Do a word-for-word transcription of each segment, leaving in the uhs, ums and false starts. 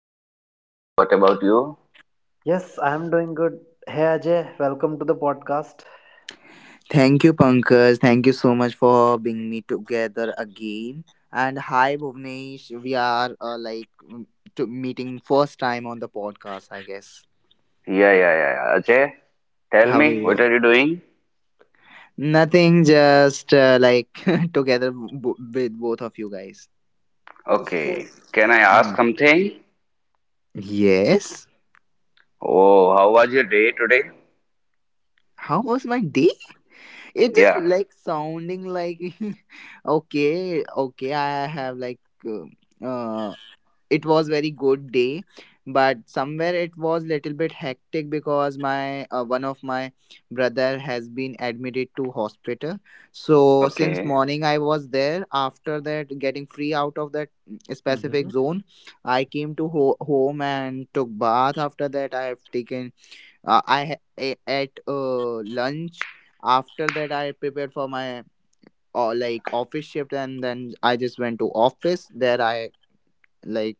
I'm fine. What about you? Yes, I'm doing good. Hey Ajay, welcome to the podcast. Thank you, Pankaj. Thank you so much for being me together again. And hi, Bhuvnesh. We are uh, like mm, to meeting first time on the podcast, I guess. Yeah, yeah, yeah. yeah. Ajay, tell How are me, what you? are you doing? Nothing, just uh, like together b- with both of you guys. Okay. Can I ask Mm. something? Yes. Oh, how was your day today? How was my day? It just Yeah. like sounding like okay, okay. I have like uh, uh, it was very good day, but somewhere it was little bit hectic because my uh, one of my brother has been admitted to hospital. So since Okay. morning I was there. After that, getting free out of that mm, Mhm. specific zone, I came to ho- home and took bath. After that, I have taken uh, I ha- a- ate uh, lunch. After that, I prepared for my uh, like office shift, and then I just went to office. There, i like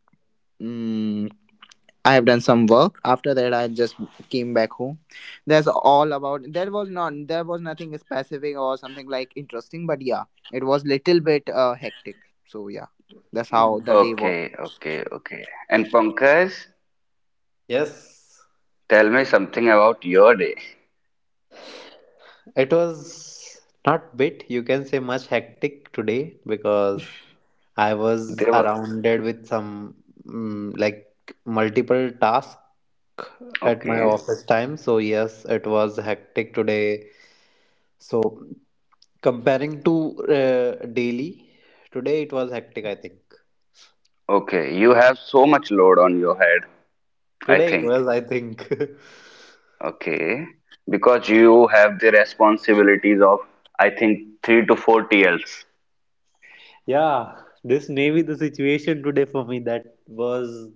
mm, I have done some work. After that, I just came back home. That's all about. There was not. There was nothing specific or something like interesting. But yeah, it was little bit uh, hectic. So yeah, that's how Mm. the day was. Okay, okay, okay. And Pankaj, Yes, tell me something about your day. it was not bit, you can say much hectic today because I was They were surrounded with some mm, like multiple tasks at my okay. office time. So yes, it was hectic today. So comparing to uh, daily, today it was hectic, I think. Okay, you have so much load on your head, I Today it was, think. I think. Okay, because you have the responsibilities of, I think, three to four T Ls. Yeah, this may be the situation today for me that was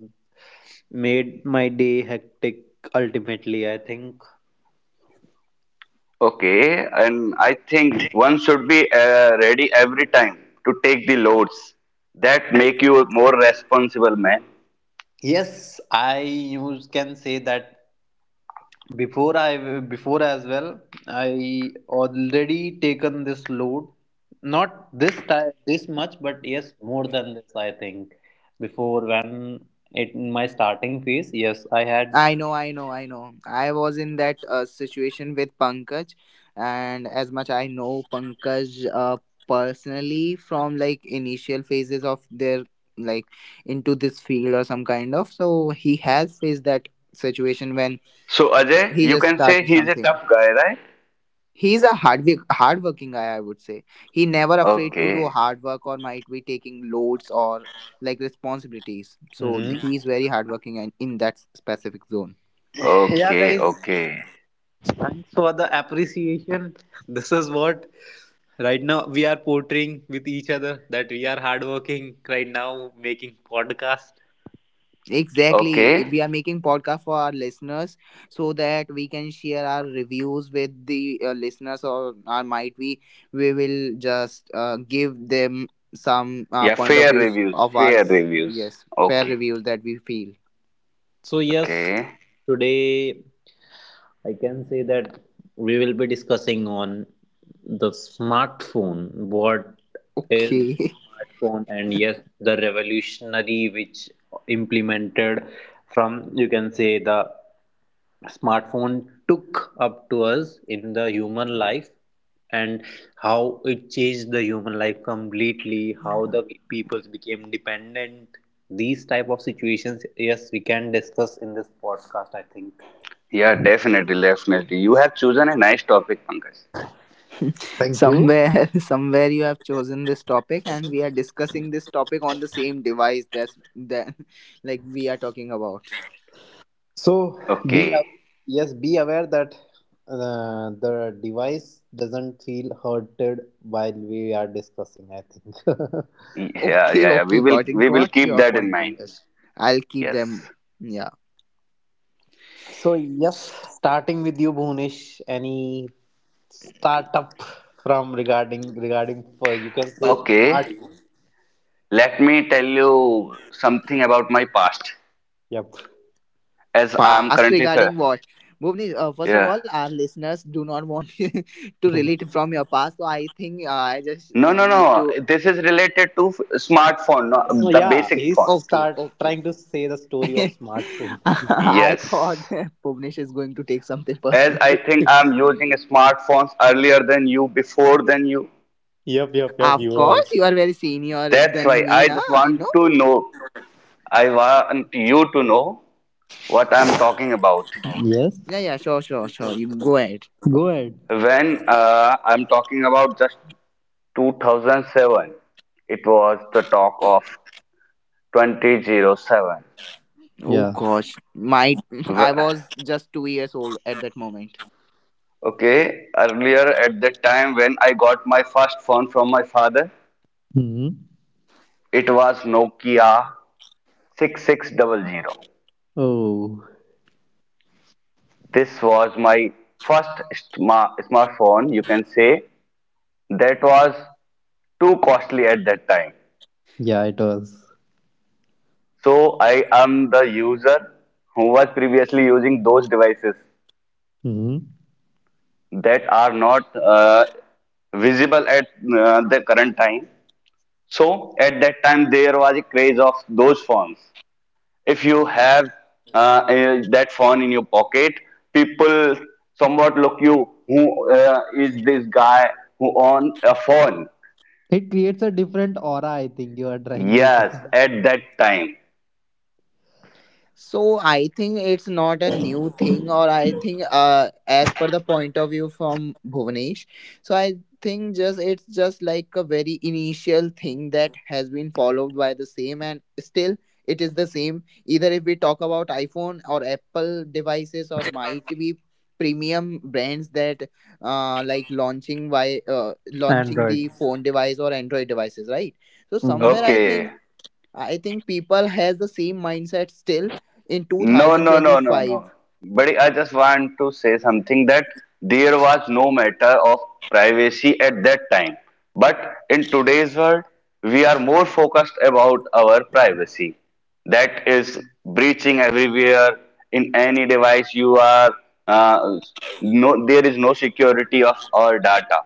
made my day hectic ultimately, I think. Okay, and I think one should be uh, ready every time to take the loads that make you a more responsible man. Yes, I use can say that before I before as well, I already taken this load. Not this time this much, but yes, more than this I think. Before when it in my starting phase, yes, I had. I know, I know, I know. I was in that uh, situation with Pankaj, and as much I know Pankaj uh, personally from like initial phases of their like into this field or some kind of. So he has faced that situation when So Ajay, he you just can say started he's a something. tough guy, right? He's a hard hard working guy, I would say. He never afraid to do Okay, hard work or might be taking loads or like responsibilities. So Mhm. he's very hard working and in that specific zone. Yeah, okay, guys, okay, thanks for the appreciation. This is what right now we are portraying with each other, that we are hardworking right now making podcast. Exactly. If we okay. are making podcast for our listeners so that we can share our reviews with the uh, listeners, or, or might we we will just uh, give them some uh, Yeah, point of fair views reviews, of fair ours. reviews. Yes, fair Okay, reviews that we feel So yes, okay. today I can say that we will be discussing on the smartphone, what is okay. smartphone, and yes, the revolutionary which implemented from, you can say, the smartphone took up to us in the human life, and how it changed the human life completely, how the peoples became dependent. These type of situations, yes, we can discuss in this podcast, I think. Yeah, definitely, definitely. You have chosen a nice topic, Pankaj. Thank you. Somewhere somewhere you have chosen this topic, and we are discussing this topic on the same device, that's that like we are talking about. So be a- Okay. yes, be aware that uh, the device doesn't feel hurted while we are discussing. I think. Yeah, yeah, Okay, yeah. We okay, will got it, we will got keep your that in point on mind. this. I'll keep Yes. them. Yeah. So yes, starting with you, Bhunesh. Any startup from regarding regarding for, you can say, Okay. smartphone. Let me tell you something about my past, Yep. as I Past am currently, regarding sir. what? Bhuvni, uh, first of all, Yeah. our listeners do not want to relate from your past, so I think uh, I just uh, No, no, need no. to. This is related to f- smartphone, So no, the yeah, he's basic phone. start Okay, trying to okay. say the story of smartphone. I thought Yes. Bhuvnesh is going to take something As personal. I think I'm using smartphones earlier than you, before than you. Yep, yep, yep. Of You are. course, you are very senior That's than why me, I na. just I want know to me. know. I want you to know what I'm talking about. Yes. Yeah, yeah, sure, sure, sure. You go ahead. Go ahead. When uh, I'm talking about just two thousand seven, it was the talk of twenty oh seven. Oh Yeah. gosh, my W- I was just two years old at that moment. Okay, earlier at that time when I got my first phone from my father, Hmm. it was Nokia six six zero zero. Oh, This was my first sma- smartphone, you can say. That was too costly at that time. yeah, it was. So I am the user who was previously using those devices that are not uh, visible at uh, the current time. So at that time there was a craze of those phones. If you have uh, a- that phone in your pocket, people somewhat look you, who uh, is this guy who on a phone? It creates a different aura, I think you are trying to say. Yes, at that time. So I think it's not a new thing, or I think uh, as per the point of view from Bhuvanesh. So I think just it's just like a very initial thing that has been followed by the same, and still it is the same. Either if we talk about iPhone or Apple devices, or might be premium brands that uh, like launching by uh, launching the Androids. phone device or Android devices, right? So Mhm. somewhere I Okay. think I think people has the same mindset still in No, no, no, no, twenty twenty-five. no. But I just want to say something that there was no matter of privacy at that time. But in today's world, we are more focused about our privacy. That is breaching everywhere in any device you are. Uh, no, there is no security of our data.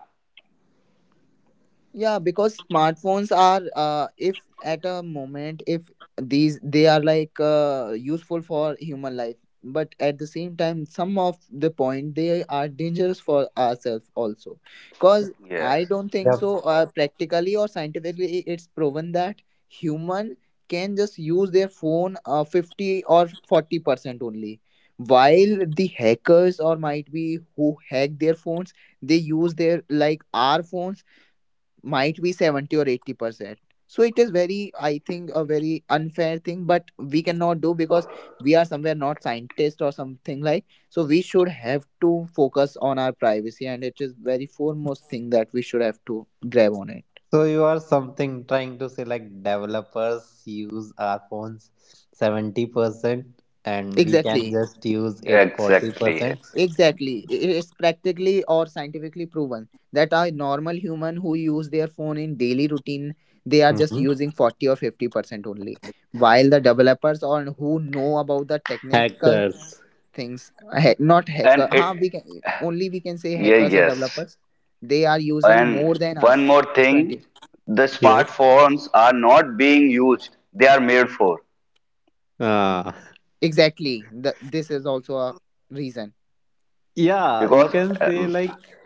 Yeah, because smartphones are, uh, if at a moment, if these they are like uh, useful for human life, but at the same time, some of the point they are dangerous for ourselves also. Because I Yes, don't think Yep. so. Uh, practically or scientifically, i- it's proven that human can just use their phone uh, fifty or forty percent only, while the hackers or might be who hack their phones, they use their like our phones might be seventy or eighty percent. So it is very, I think, a very unfair thing, but we cannot do because we are somewhere not scientists or something like. So we should have to focus on our privacy, and it is very foremost thing that we should have to grab on it. So you are something trying to say like developers use our phones seventy percent and we can Exactly, just use it exactly, forty percent. exactly. exactly. I- It's practically or scientifically proven that a normal human who use their phone in daily routine, they are just Mhm. using forty or fifty percent only, while the developers or who know about the technical Hackers. things uh, ha- not And hacker, it, huh, we can only we can say yeah, hackers or yes. developers. They are using more And than one us more thing, twenty, the Yes. smartphones are not being used. They are made for. Ah. exactly. The, this is also a reason. Yeah, you Because, can uh, say like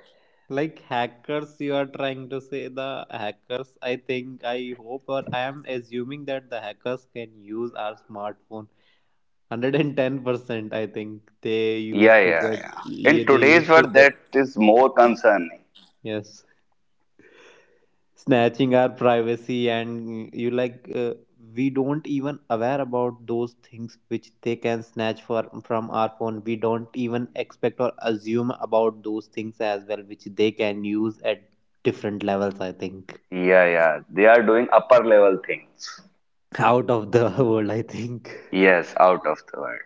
like hackers, you are trying to say the hackers, I think, I hope, or I am assuming that the hackers can use our smartphone one hundred ten percent, I think. They yeah, used to yeah, get, yeah. yeah, In they today's used to world, get, that is more concerning. yes, snatching our privacy. And you like, uh, we don't even aware about those things which they can snatch for from our phone. We don't even expect or assume about those things as well, which they can use at different levels, I think. Yeah, yeah. They are doing upper level things. Out of the world, I think. Yes, out of the world.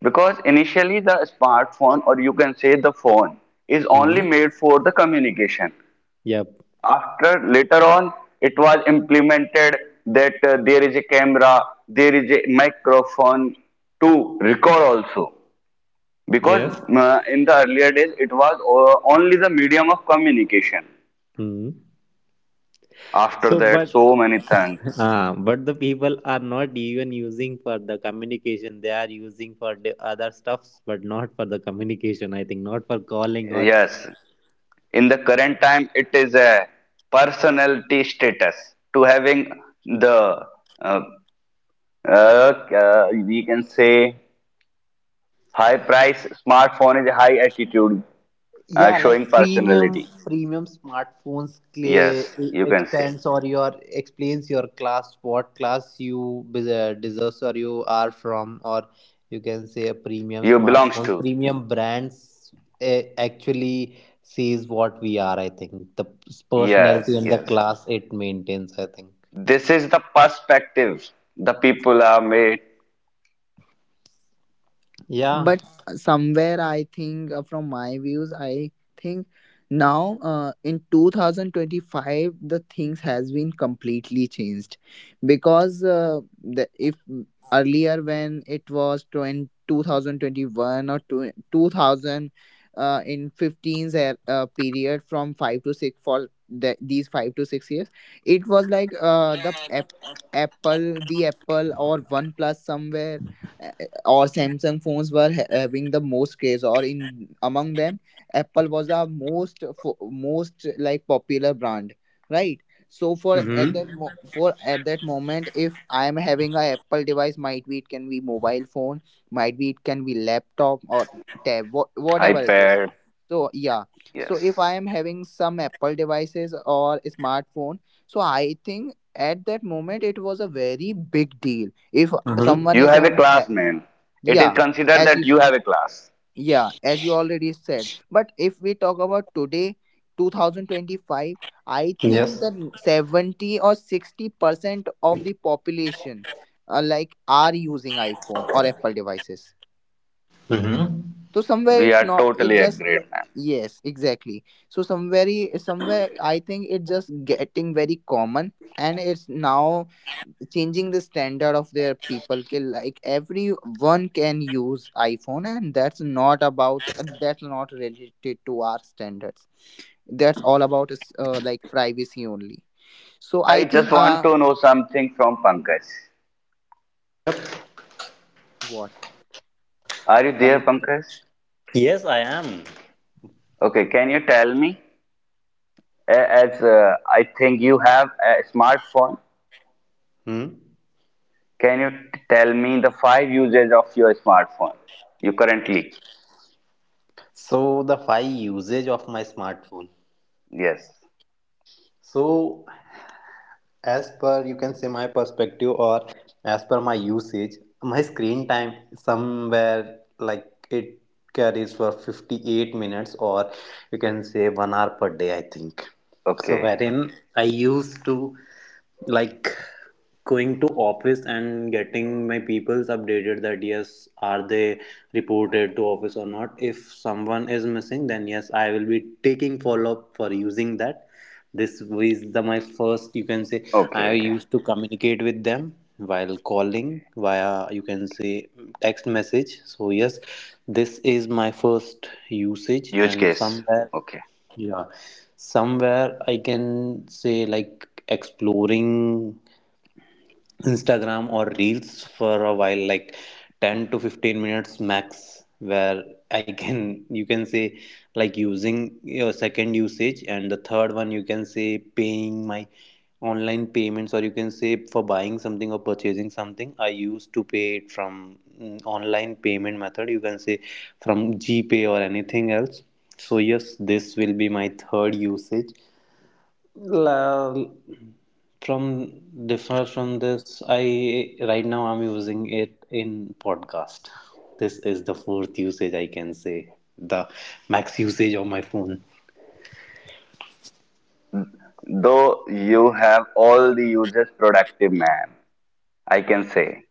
Because initially the smartphone, or you can say the phone, is only Hmm. made for the communication. Yep. After later on, it was implemented that uh, there is a camera, there is a microphone to record also. Because Yes. uh, in the earlier days, it was uh, only the medium of communication. Hmm. After So, that, but so many things. ah, but the people are not even using for the communication. They are using for the other stuffs, but not for the communication. I think not for calling or Yes, in the current time, it is a personality status to having the uh, uh, uh, we can say high price smartphone is a high attitude. Uh, yeah, like Showing premium personality. premium smartphones clear, Yes, you can say. expands or your explains your class, what class you bes- deserves or you are from, or you can say a premium You belongs smartphones, to. premium brands. Eh, actually sees what we are. I think the Yes, personality and the yes. class it maintains. I think. This is the perspective. The people are made. Yeah. But somewhere I think uh, from my views, I think now uh, in twenty twenty-five the things has been completely changed. Because uh, the, if earlier when it was twenty two thousand twenty-one or two 2000, uh, in fifteens, er- uh, period from five to six, for the, these five to six years, it was like uh, the app, apple, the apple or one plus somewhere, or Samsung phones were ha- having the most craze, or in among them, Apple was the most fo- most like popular brand, right? So for at that Mm-hmm. mo- for at that moment, if I am having a Apple device, might be it can be mobile phone, might be it can be laptop or tab, wha- whatever it is. iPad. So yeah, so if Yes. I am having some Apple devices or smartphone, so I think at that moment it was a very big deal if Mm-hmm. someone You is have a have, class, man. It is yeah, considered as that you you said. have a class. Yeah, as you already said. But if we talk about today, two thousand twenty-five, I think that Yes. seventy or sixty percent of the population uh, like are using iPhone or Apple devices. Mm-hmm. So somewhere We it's are not it totally just like, agreed, man. yes, exactly. So somewhere i- somewhere I think it's just getting very common, and it's now changing the standard of their people, ki like everyone can use iPhone, and that's not about that's not related to our standards. That's all about is uh, like privacy only. So I I just think want uh to know something from Pankaj. Yep. Are you what there, Pankaj? Yes, I am. Okay, can you tell me? A- As uh, I think you have a smartphone. Hmm. Can you tell me the five uses of your smartphone? You currently? So the five usage of my smartphone. Yes. So as per, you can say, my perspective, or as per my usage, my screen time somewhere like it carries for fifty-eight minutes, or you can say one hour per day, I think. So Okay. wherein I used to like going to office and getting my peoples updated, that yes, are they reported to office or not. If someone is missing, then yes, I will be taking follow up for using that. This is the my first, you can say, Okay. I Okay. used to communicate with them while calling via, you can say, text message. So yes, this is my first usage. Use And case. somewhere, Okay. yeah, somewhere I can say like exploring Instagram or Reels for a while, like ten to fifteen minutes max, where I can, you can say, like using your second usage. And the third one, you can say, paying my online payments, or you can say, for buying something or purchasing something. I used to pay it from mm, online payment method, you can say, from GPay or anything else. So yes, this will be my third usage. La- from differ from this, I right now I'm using it in podcast. This is the fourth usage I can say, the max usage of my phone. Though you have all the uses productive man, I can say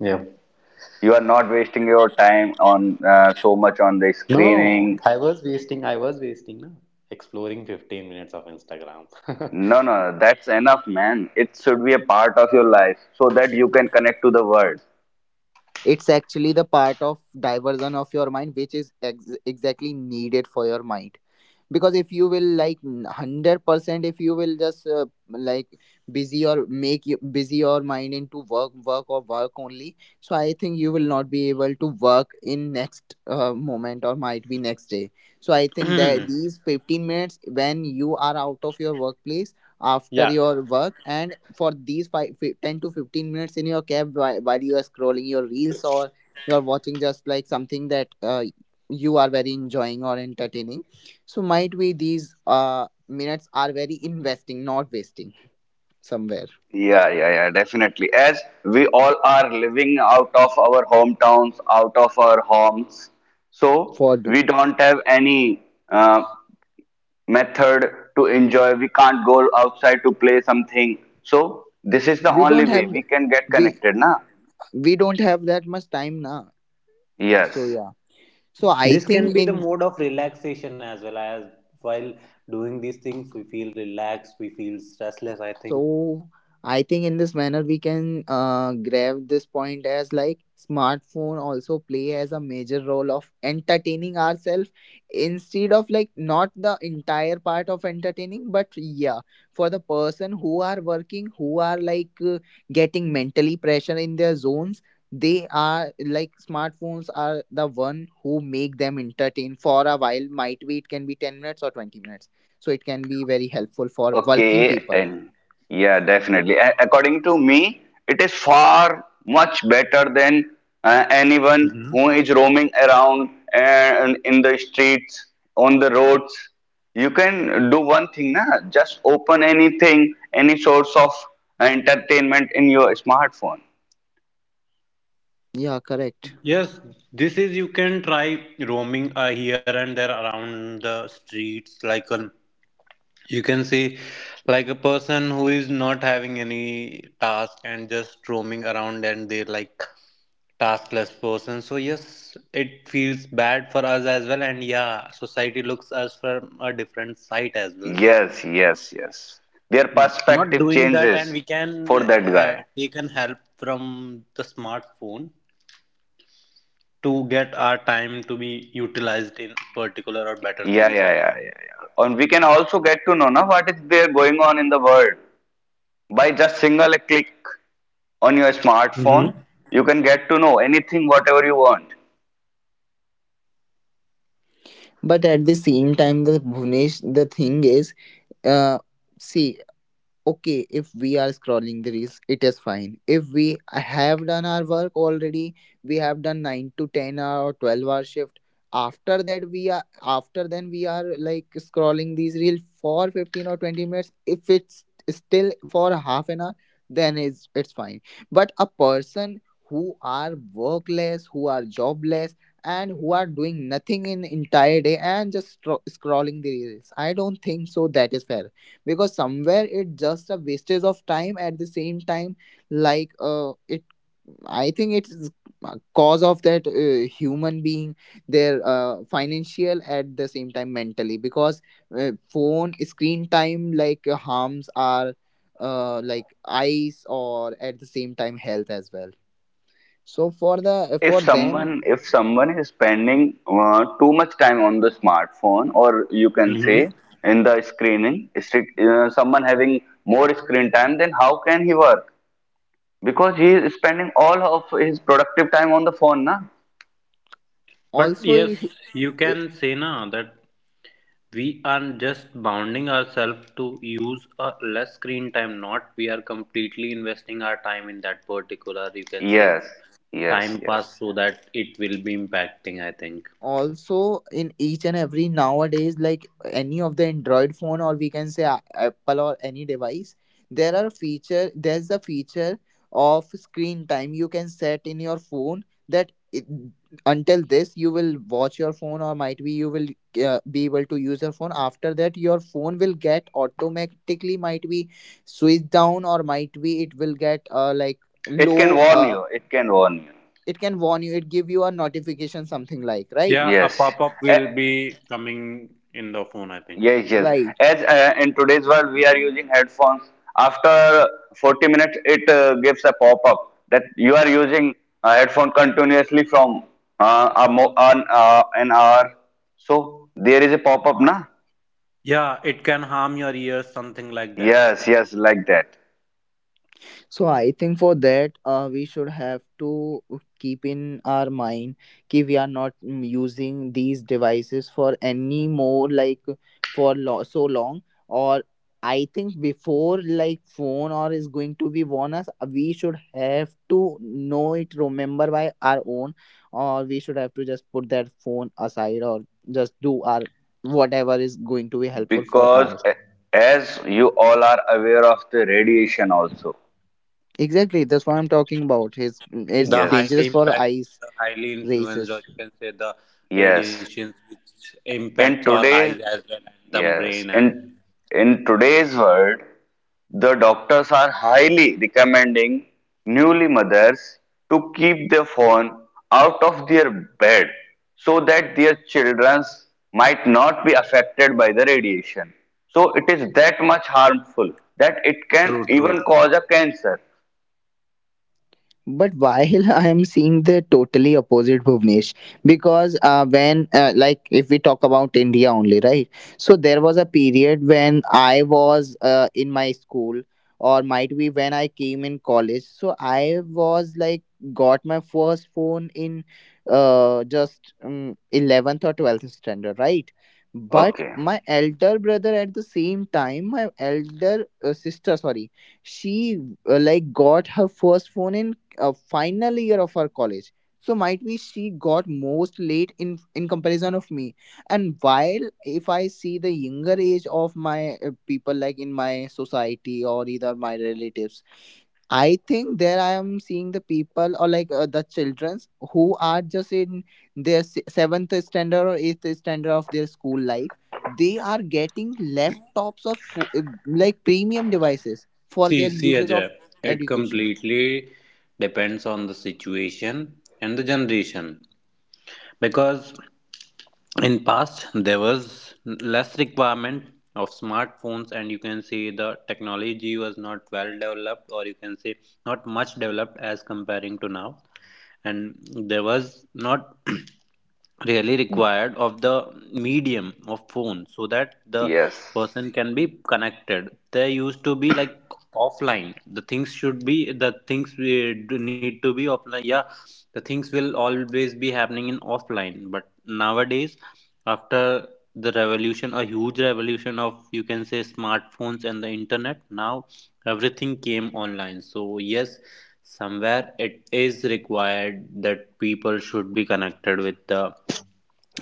Yeah. you are not wasting your time on uh, so much on the No, screening. I was wasting, I was wasting, no, exploring fifteen minutes of Instagram. No, no, that's enough, man. It should be a part of your life so that you can connect to the world. It's actually the part of diversion of your mind, which is ex- exactly needed for your mind. Because if you will like one hundred percent, if you will just uh, like busy or make you busy your mind into work, work or work only, so I think you will not be able to work in next uh, moment or might be next day. So I think that these fifteen minutes when you are out of your workplace, after Yeah, your work, and for these five, fi ten to fifteen minutes in your cab, while, while you are scrolling your reels, or you're watching just like something that uh, you are very enjoying or entertaining. So might be these uh minutes are very investing, not wasting somewhere Yeah, yeah, yeah, definitely. As we all are living out of our hometowns, out of our homes, so for do. we don't have any uh, method to enjoy. We can't go outside to play something. So this is the We only don't way have we can get we connected, na? we don't have that much time now. So Yes. yeah. So I this can think be the in mode of relaxation as well as while doing these things, we feel relaxed, we feel stressless, I think. So I think in this manner we can uh, grab this point, as like smartphone also play as a major role of entertaining ourselves, instead of like not the entire part of entertaining, but yeah, for the person who are working, who are like uh, getting mentally pressure in their zones, they are like smartphones are the one who make them entertain for a while, might be it can be ten minutes or twenty minutes. So it can be very helpful for working Okay, people. and yeah, definitely. A- according to me, it is far much better than uh, anyone who is roaming around and in the streets, on the roads. You can do one thing, na? Just open anything, any source of entertainment in your smartphone. Yeah, correct. Yes, this is you can try roaming uh, here and there around the streets. Like um, you can see, like a person who is not having any task and just roaming around, and they like taskless person. So yes, it feels bad for us as well, and yeah, society looks us from a different side as well. So Yes, yes, yes. Their not perspective doing that, and changes we can for that guy. uh, take an help from the smartphone to get our time to be utilized in particular or better Yeah, yeah, things, I yeah, think. yeah, yeah. And we can also get to know now what is there going on in the world, by just single click on your smartphone. Mm-hmm. You can get to know anything whatever you want. But at the same time, the Bhunesh, the thing is, uh, see, okay, if we are scrolling the reels, it is fine. If we have done our work already, we have done nine to ten hour or twelve hour shift, after that we are after then we are like scrolling these reels for fifteen or twenty minutes, if it's still for half an hour, then it's it's fine. But a person who are workless, who are jobless, and who are doing nothing in entire day and just stro- scrolling the reels, I don't think so that is fair. Because somewhere it's just a wastage of time. At the same time, like uh it I think it's a cause of that uh, human being, their uh, financial, at the same time mentally, because uh, phone screen time like uh, harms are uh, like eyes or at the same time health as well. So for the if for them. someone if someone is spending uh, too much time on the smartphone, or you can say Mm-hmm. in the screening, uh, someone having more screen time, then how can he work? Because he is spending all of his productive time on the phone, na. But Also, yes, he- you eh, can say now that we are just bounding ourselves to use a less screen time, not we are completely investing our time in that particular, you can say, yes f- yes time pass, yes so yes. that it will be impacting, I think. also in each and every nowadays, like any of the Android phone, or we can say a- Apple or any device, there are feature there's a feature of screen time. You can set in your phone that it, until this you will watch your phone, or might be you will uh, be able to use your phone, after that your phone will get automatically, might be, switched down, or might be it will get uh, like it can low, warn uh, you it can warn it can warn you, it give you a notification something like, right? you Yeah, a yes. pop up A- will be coming in the phone, I think. Yes, yes. Right. As uh, in today's world, we are using headphones. After forty minutes, it uh, gives a pop up that you are using a headphone continuously from uh, a mo- an, uh, an hour. So there is a pop up, na? Yeah, it can harm your ears, something like that. Yes, yes, like that. So I think for that, uh, we should have to keep in our mind कि we are not mm, using these devices for any more, like for lo- so long. Or I think before like phone or is going to be warn us, we should have to know it, remember by our own, or we should have to just put that phone aside or just do our whatever is going to be helpful for Because us. a- as you all are aware of the radiation also. Exactly, that's what I'm talking about. It's it's The highly dangerous Yes, for impact, eyes. the highly influenced, or Raises. you can say, the yes. radiations which impacts In our eyes today's as well and the brain yes, as well. in in today's world, the doctors are highly recommending newly mothers to keep their phone out of their bed so that their children might not be affected by the radiation. So it is that much harmful that it can True, true. even cause a cancer. But while I am seeing the totally opposite, Bhuvnesh, because uh, when, uh, like, if we talk about India only, right? So there was a period when I was uh, in my school, or might be when I came in college. So I was like, got my first phone in uh, just um, eleventh or twelfth standard, right? But Okay. my elder brother at the same time, my elder uh, sister, sorry, she uh, like got her first phone in uh, final year of her college. So might be she got most late in in comparison of me. And while if I see the younger age of my uh, people like in my society or either my relatives, I think there I am seeing the people or like uh, the childrens who are just in their se- seventh standard or eighth standard of their school life. They are getting laptops or fo- uh, like premium devices for See, their see uses of Ajay, it education. completely depends on the situation and the generation, because in past there was less requirement of smartphones, and you can say the technology was not well developed, or you can say not much developed as comparing to now. And there was not really required of the medium of phone, so that the Yes. person can be connected. There used to be like offline, the things should be, the things we do need to be offline. Yeah, the things will always be happening in offline. But nowadays, after the revolution, a huge revolution of, you can say, smartphones and the internet, now everything came online. So yes, somewhere it is required that people should be connected with the,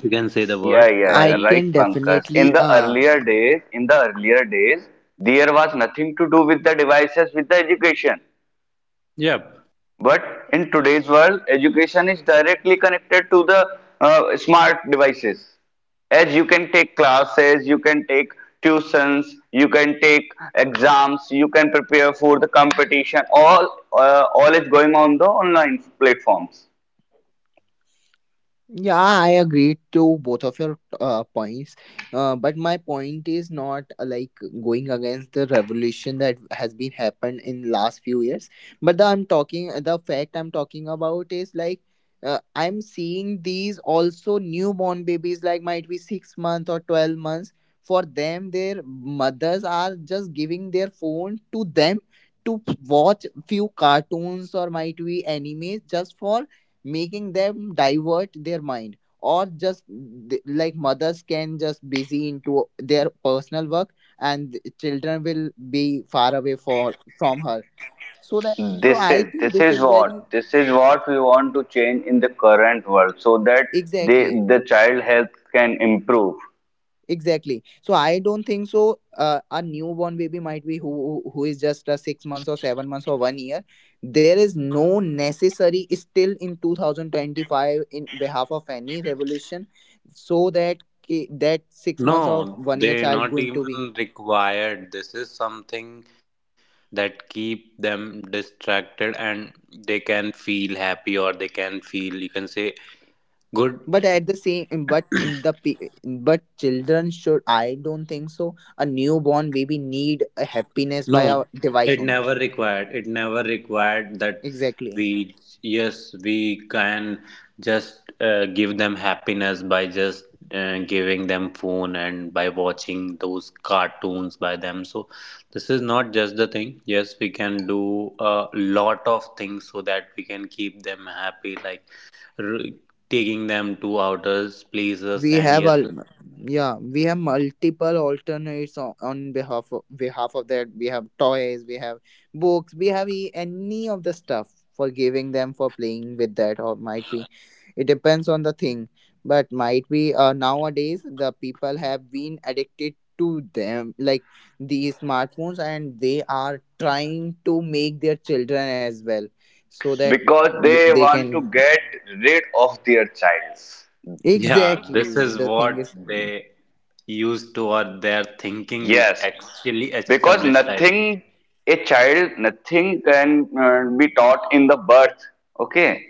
you can say, the Yeah, world yeah, by, I yeah. Right, can Pankaj. definitely. In the Uh, earlier days, in the earlier days, there was nothing to do with the devices, with the education. yep. But in today's world, education is directly connected to the uh, smart devices. As you can take classes, you can take tuitions, you can take exams, you can prepare for the competition. All uh, all is going on the online platforms. Yeah, I agree to both of your uh, points. Uh, but my point is not uh, like going against the revolution that has been happened in last few years. But the, I'm talking uh, the fact I'm talking about is like uh, I'm seeing these also newborn babies like might be six months or twelve months. For them, their mothers are just giving their phone to them to watch few cartoons or might be animes just for making them divert their mind or just th- like mothers can just busy into their personal work and the children will be far away for from her so that so This I is think this this is is very what this is what we want to change in the current world, so that they exactly. the child health can improve, Exactly. So I don't think so. Uh, a newborn baby might be who who is just a six months or seven months or one year. There is no necessary still in two thousand twenty five in behalf of any revolution, so that ki- that six months or No, one year they child not going to be. even required. This is something that keep them distracted, and they can feel happy, or they can feel, you can say, good. But at the same, um, but in the pe- but children should. I don't think so. A newborn baby need a happiness No, via device it only. never required. It never required that Exactly. we, yes, we can just uh, give them happiness by just uh, giving them phone and by watching those cartoons by them. So this is not just the thing. Yes, we can do a lot of things so that we can keep them happy, like r taking them to outer places we and have yes. al- yeah we have multiple alternates on, on behalf of behalf of that, we have toys, we have books, we have e- any of the stuff for giving them for playing with that, or might be it depends on the thing. But might be uh, nowadays the people have been addicted to them, like these smartphones, and they are trying to make their children as well, so that because y- they they want can, to get rid of their childs. Yeah, this exactly, is the thing what is. they used to, or their thinking is Yes, actually because established, I think. nothing, a child, nothing can uh, be taught in the birth. Okay,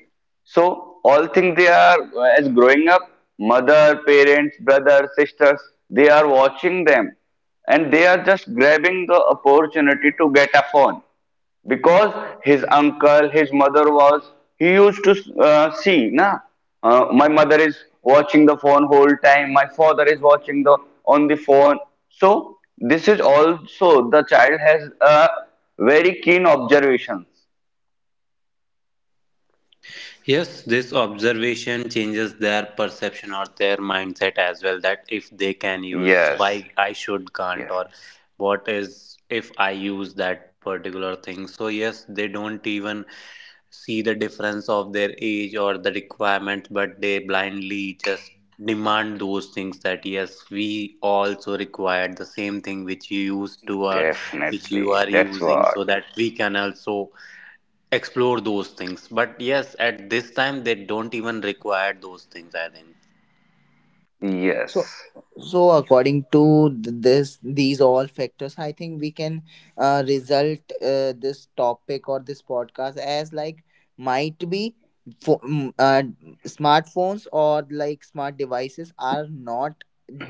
so all things they are uh, as growing up, mother, parents, brothers, sisters, they are watching them, and they are just grabbing the opportunity to get a phone, because his uncle, his mother was, he used to uh, see, na. Uh, my mother is watching the phone whole time, my father is watching the on the phone. So this is also, the child has a very keen observations. Yes, this observation changes their perception or their mindset as well. yes That if they can yes use, why I should can't, or what is if I use that particular thing. So yes, they don't even see the difference of their age or the requirements, but they blindly just demand those things, that yes, we also require the same thing which you used to, or Definitely, that's which you what. are using, so that we can also explore those things. But yes, at this time, they don't even require those things, I think. Yes. So, so according to th- this, these all factors, I think we can uh, result uh, this topic or this podcast as like might be fo- mm, uh, smartphones or like smart devices are not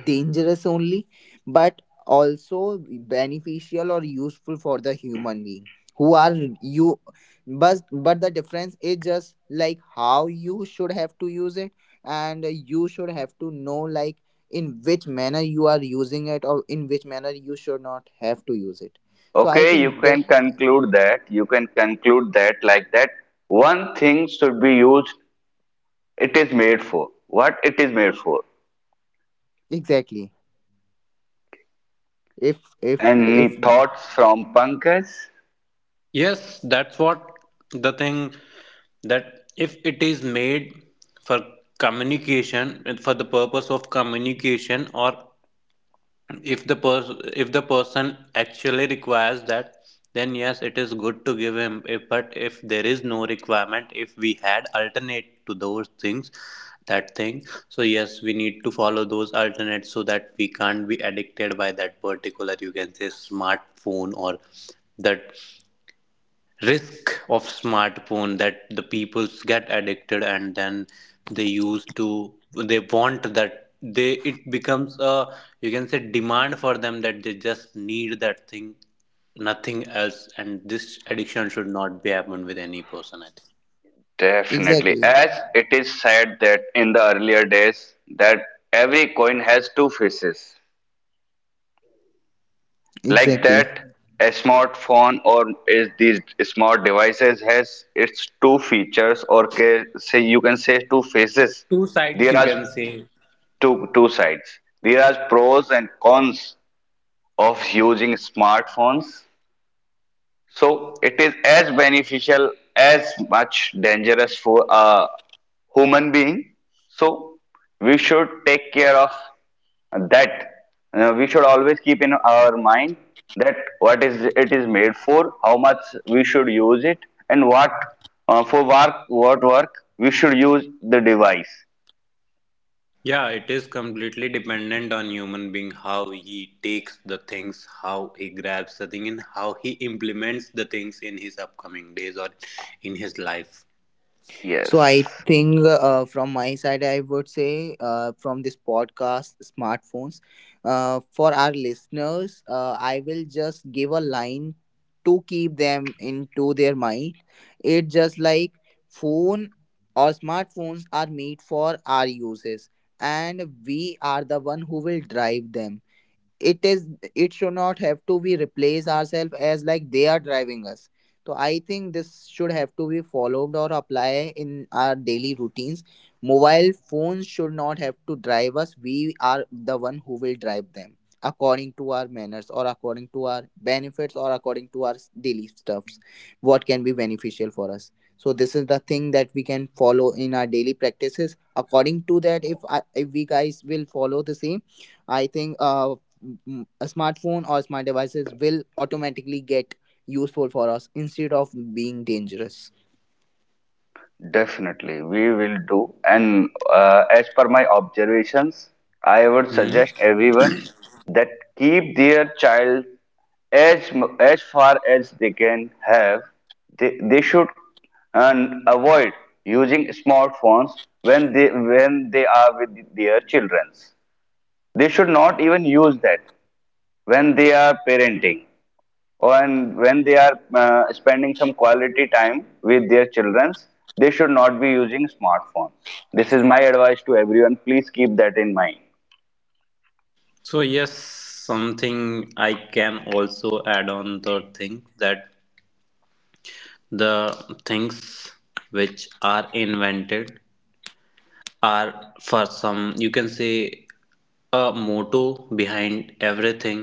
dangerous only, but also beneficial or useful for the human being who are you. but but the difference is just like how you should have to use it, and you should have to know like in which manner you are using it or in which manner you should not have to use it. So I Okay, think you that, can conclude that you can conclude that like that one thing should be used it is made for, what it is made for. exactly, if if if, Any thoughts from Pankaj? Yes, that's what the thing, that if it is made for communication, for the purpose of communication, or if the person if the person actually requires that, then yes, it is good to give him. If- but if there is no requirement, if we had alternate to those things, that thing, so yes, we need to follow those alternates, so that we can't be addicted by that particular, you can say, smartphone, or that risk of smartphone, that the peoples get addicted, and then they use to, they want that, they it becomes a, you can say, demand for them, that they just need that thing, nothing else. And this addiction should not be happen with any person, I think. Definitely. exactly, As it is said that in the earlier days that every coin has two faces. Like exactly. that, a smartphone or is these smart devices has its two features, or ca- say you can say two faces. Two sides, you There are can say. two two sides. There are pros and cons of using smartphones. So it is as beneficial as much dangerous for a human being. So we should take care of that. Uh, we should always keep in our mind that what is it is made for, how much we should use it, and what uh, for work what work we should use the device. Yeah, it is completely dependent on human being, how he takes the things, how he grabs the thing, and how he implements the things in his upcoming days, or in his life. So I Yes. think uh, from my side, I would say uh, from this podcast, smartphones. Uh, for our listeners, uh, I will just give a line to keep them into their mind. It just like phone or smartphones are made for our uses, and we are the one who will drive them. It is, it should not have to be replace ourselves as like they are driving us. So I think this should have to be followed or apply in our daily routines. Mobile phones should not have to drive us, we are the one who will drive them according to our manners or according to our benefits or according to our s- daily stuffs, what can be beneficial for us. So this is the thing that we can follow in our daily practices according to that if, I, if we guys will follow the same, I think uh, m- a smartphone or smart devices will automatically get useful for us instead of being dangerous. Definitely, we will do. And uh, as per my observations, I would suggest Hmm. everyone that keep their child as mu- as far as they can have. They they should and avoid using smartphones when they when they are with their children. They should not even use that when they are parenting, and when they are uh, spending some quality time with their children, they should not be using smartphones. This is my advice to everyone. Please keep that in mind. So yes, something I can also add on the thing, that the things which are invented are for some, you can say, a motto behind everything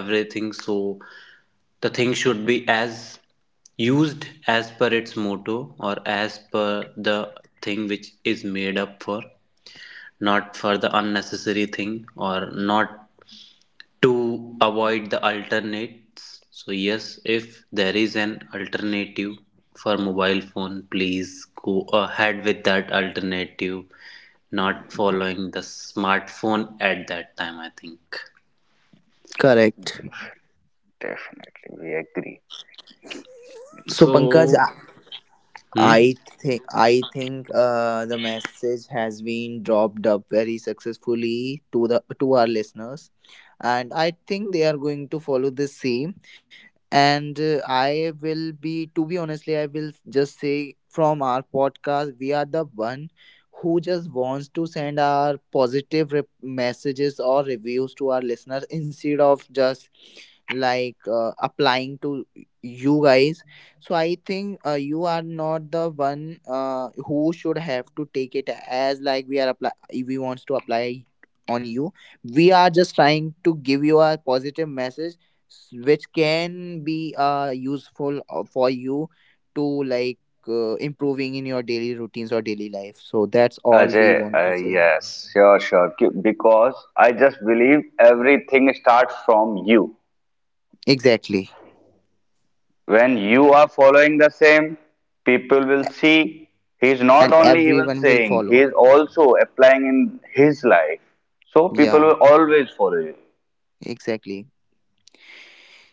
everything So the thing should be as used as per its motto, or as per the thing which is made up for, not for the unnecessary thing, or not to avoid the alternates. So yes, if there is an alternative for mobile phone, please go ahead with that alternative, not following the smartphone at that time, I think. Correct. Definitely, we agree. So Pankaj, So i hmm. I think I think uh, the message has been dropped up very successfully to the to our listeners, and I think they are going to follow the same. And uh, I will be to be honestly I will just say from our podcast we are the one who just wants to send our positive re- messages or reviews to our listeners, instead of just like uh, applying to you guys. So I think uh, you are not the one uh, who should have to take it as like we are apply, we wants to apply on you. We are just trying to give you a positive message, s- which can be uh, useful uh, for you to like uh, improving in your daily routines or daily life. So that's all we Ajay, want to uh, say. yes, sure, sure. Ki- Because I just believe everything starts from you. Exactly. When you are following the same, people will see he is not And only even everyone will saying, he follow. is also applying in his life. So people Yeah, will always follow you. exactly.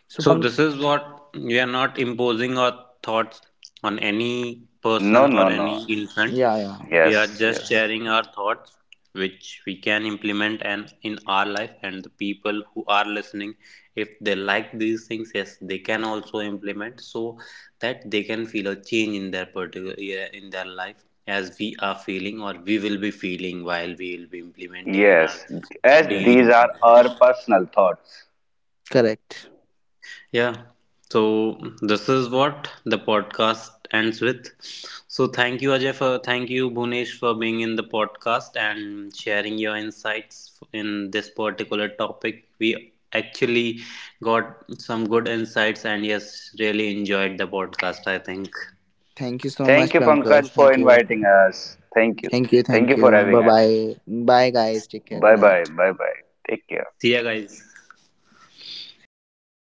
So So Pank-, this is what, we are not imposing our thoughts on any person No, or no, no. any infant. yeah, yeah, We are Yes, just yes, sharing our thoughts which we can implement and in our life, and the people who are listening, if they like these things, yes, they can also implement, so that they can feel a change in their particular, yeah, in their life, as we are feeling, or we will be feeling while we will be implementing in our yes. As daily these are routine. our personal thoughts. correct. Yeah. So this is what the podcast ends with. So thank you Ajay for, thank you Bhunesh for being in the podcast and sharing your insights in this particular topic. We actually got some good insights, and yes, really enjoyed the podcast, I think. Thank you so Thank much, you, Pankaj. Pankaj, for Thank you. inviting us. Thank you. Thank you, Thank thank you for you, having bye us. bye. Bye guys, take care, good Bye bye. night. Bye bye. Take care. See ya guys. See ya. Take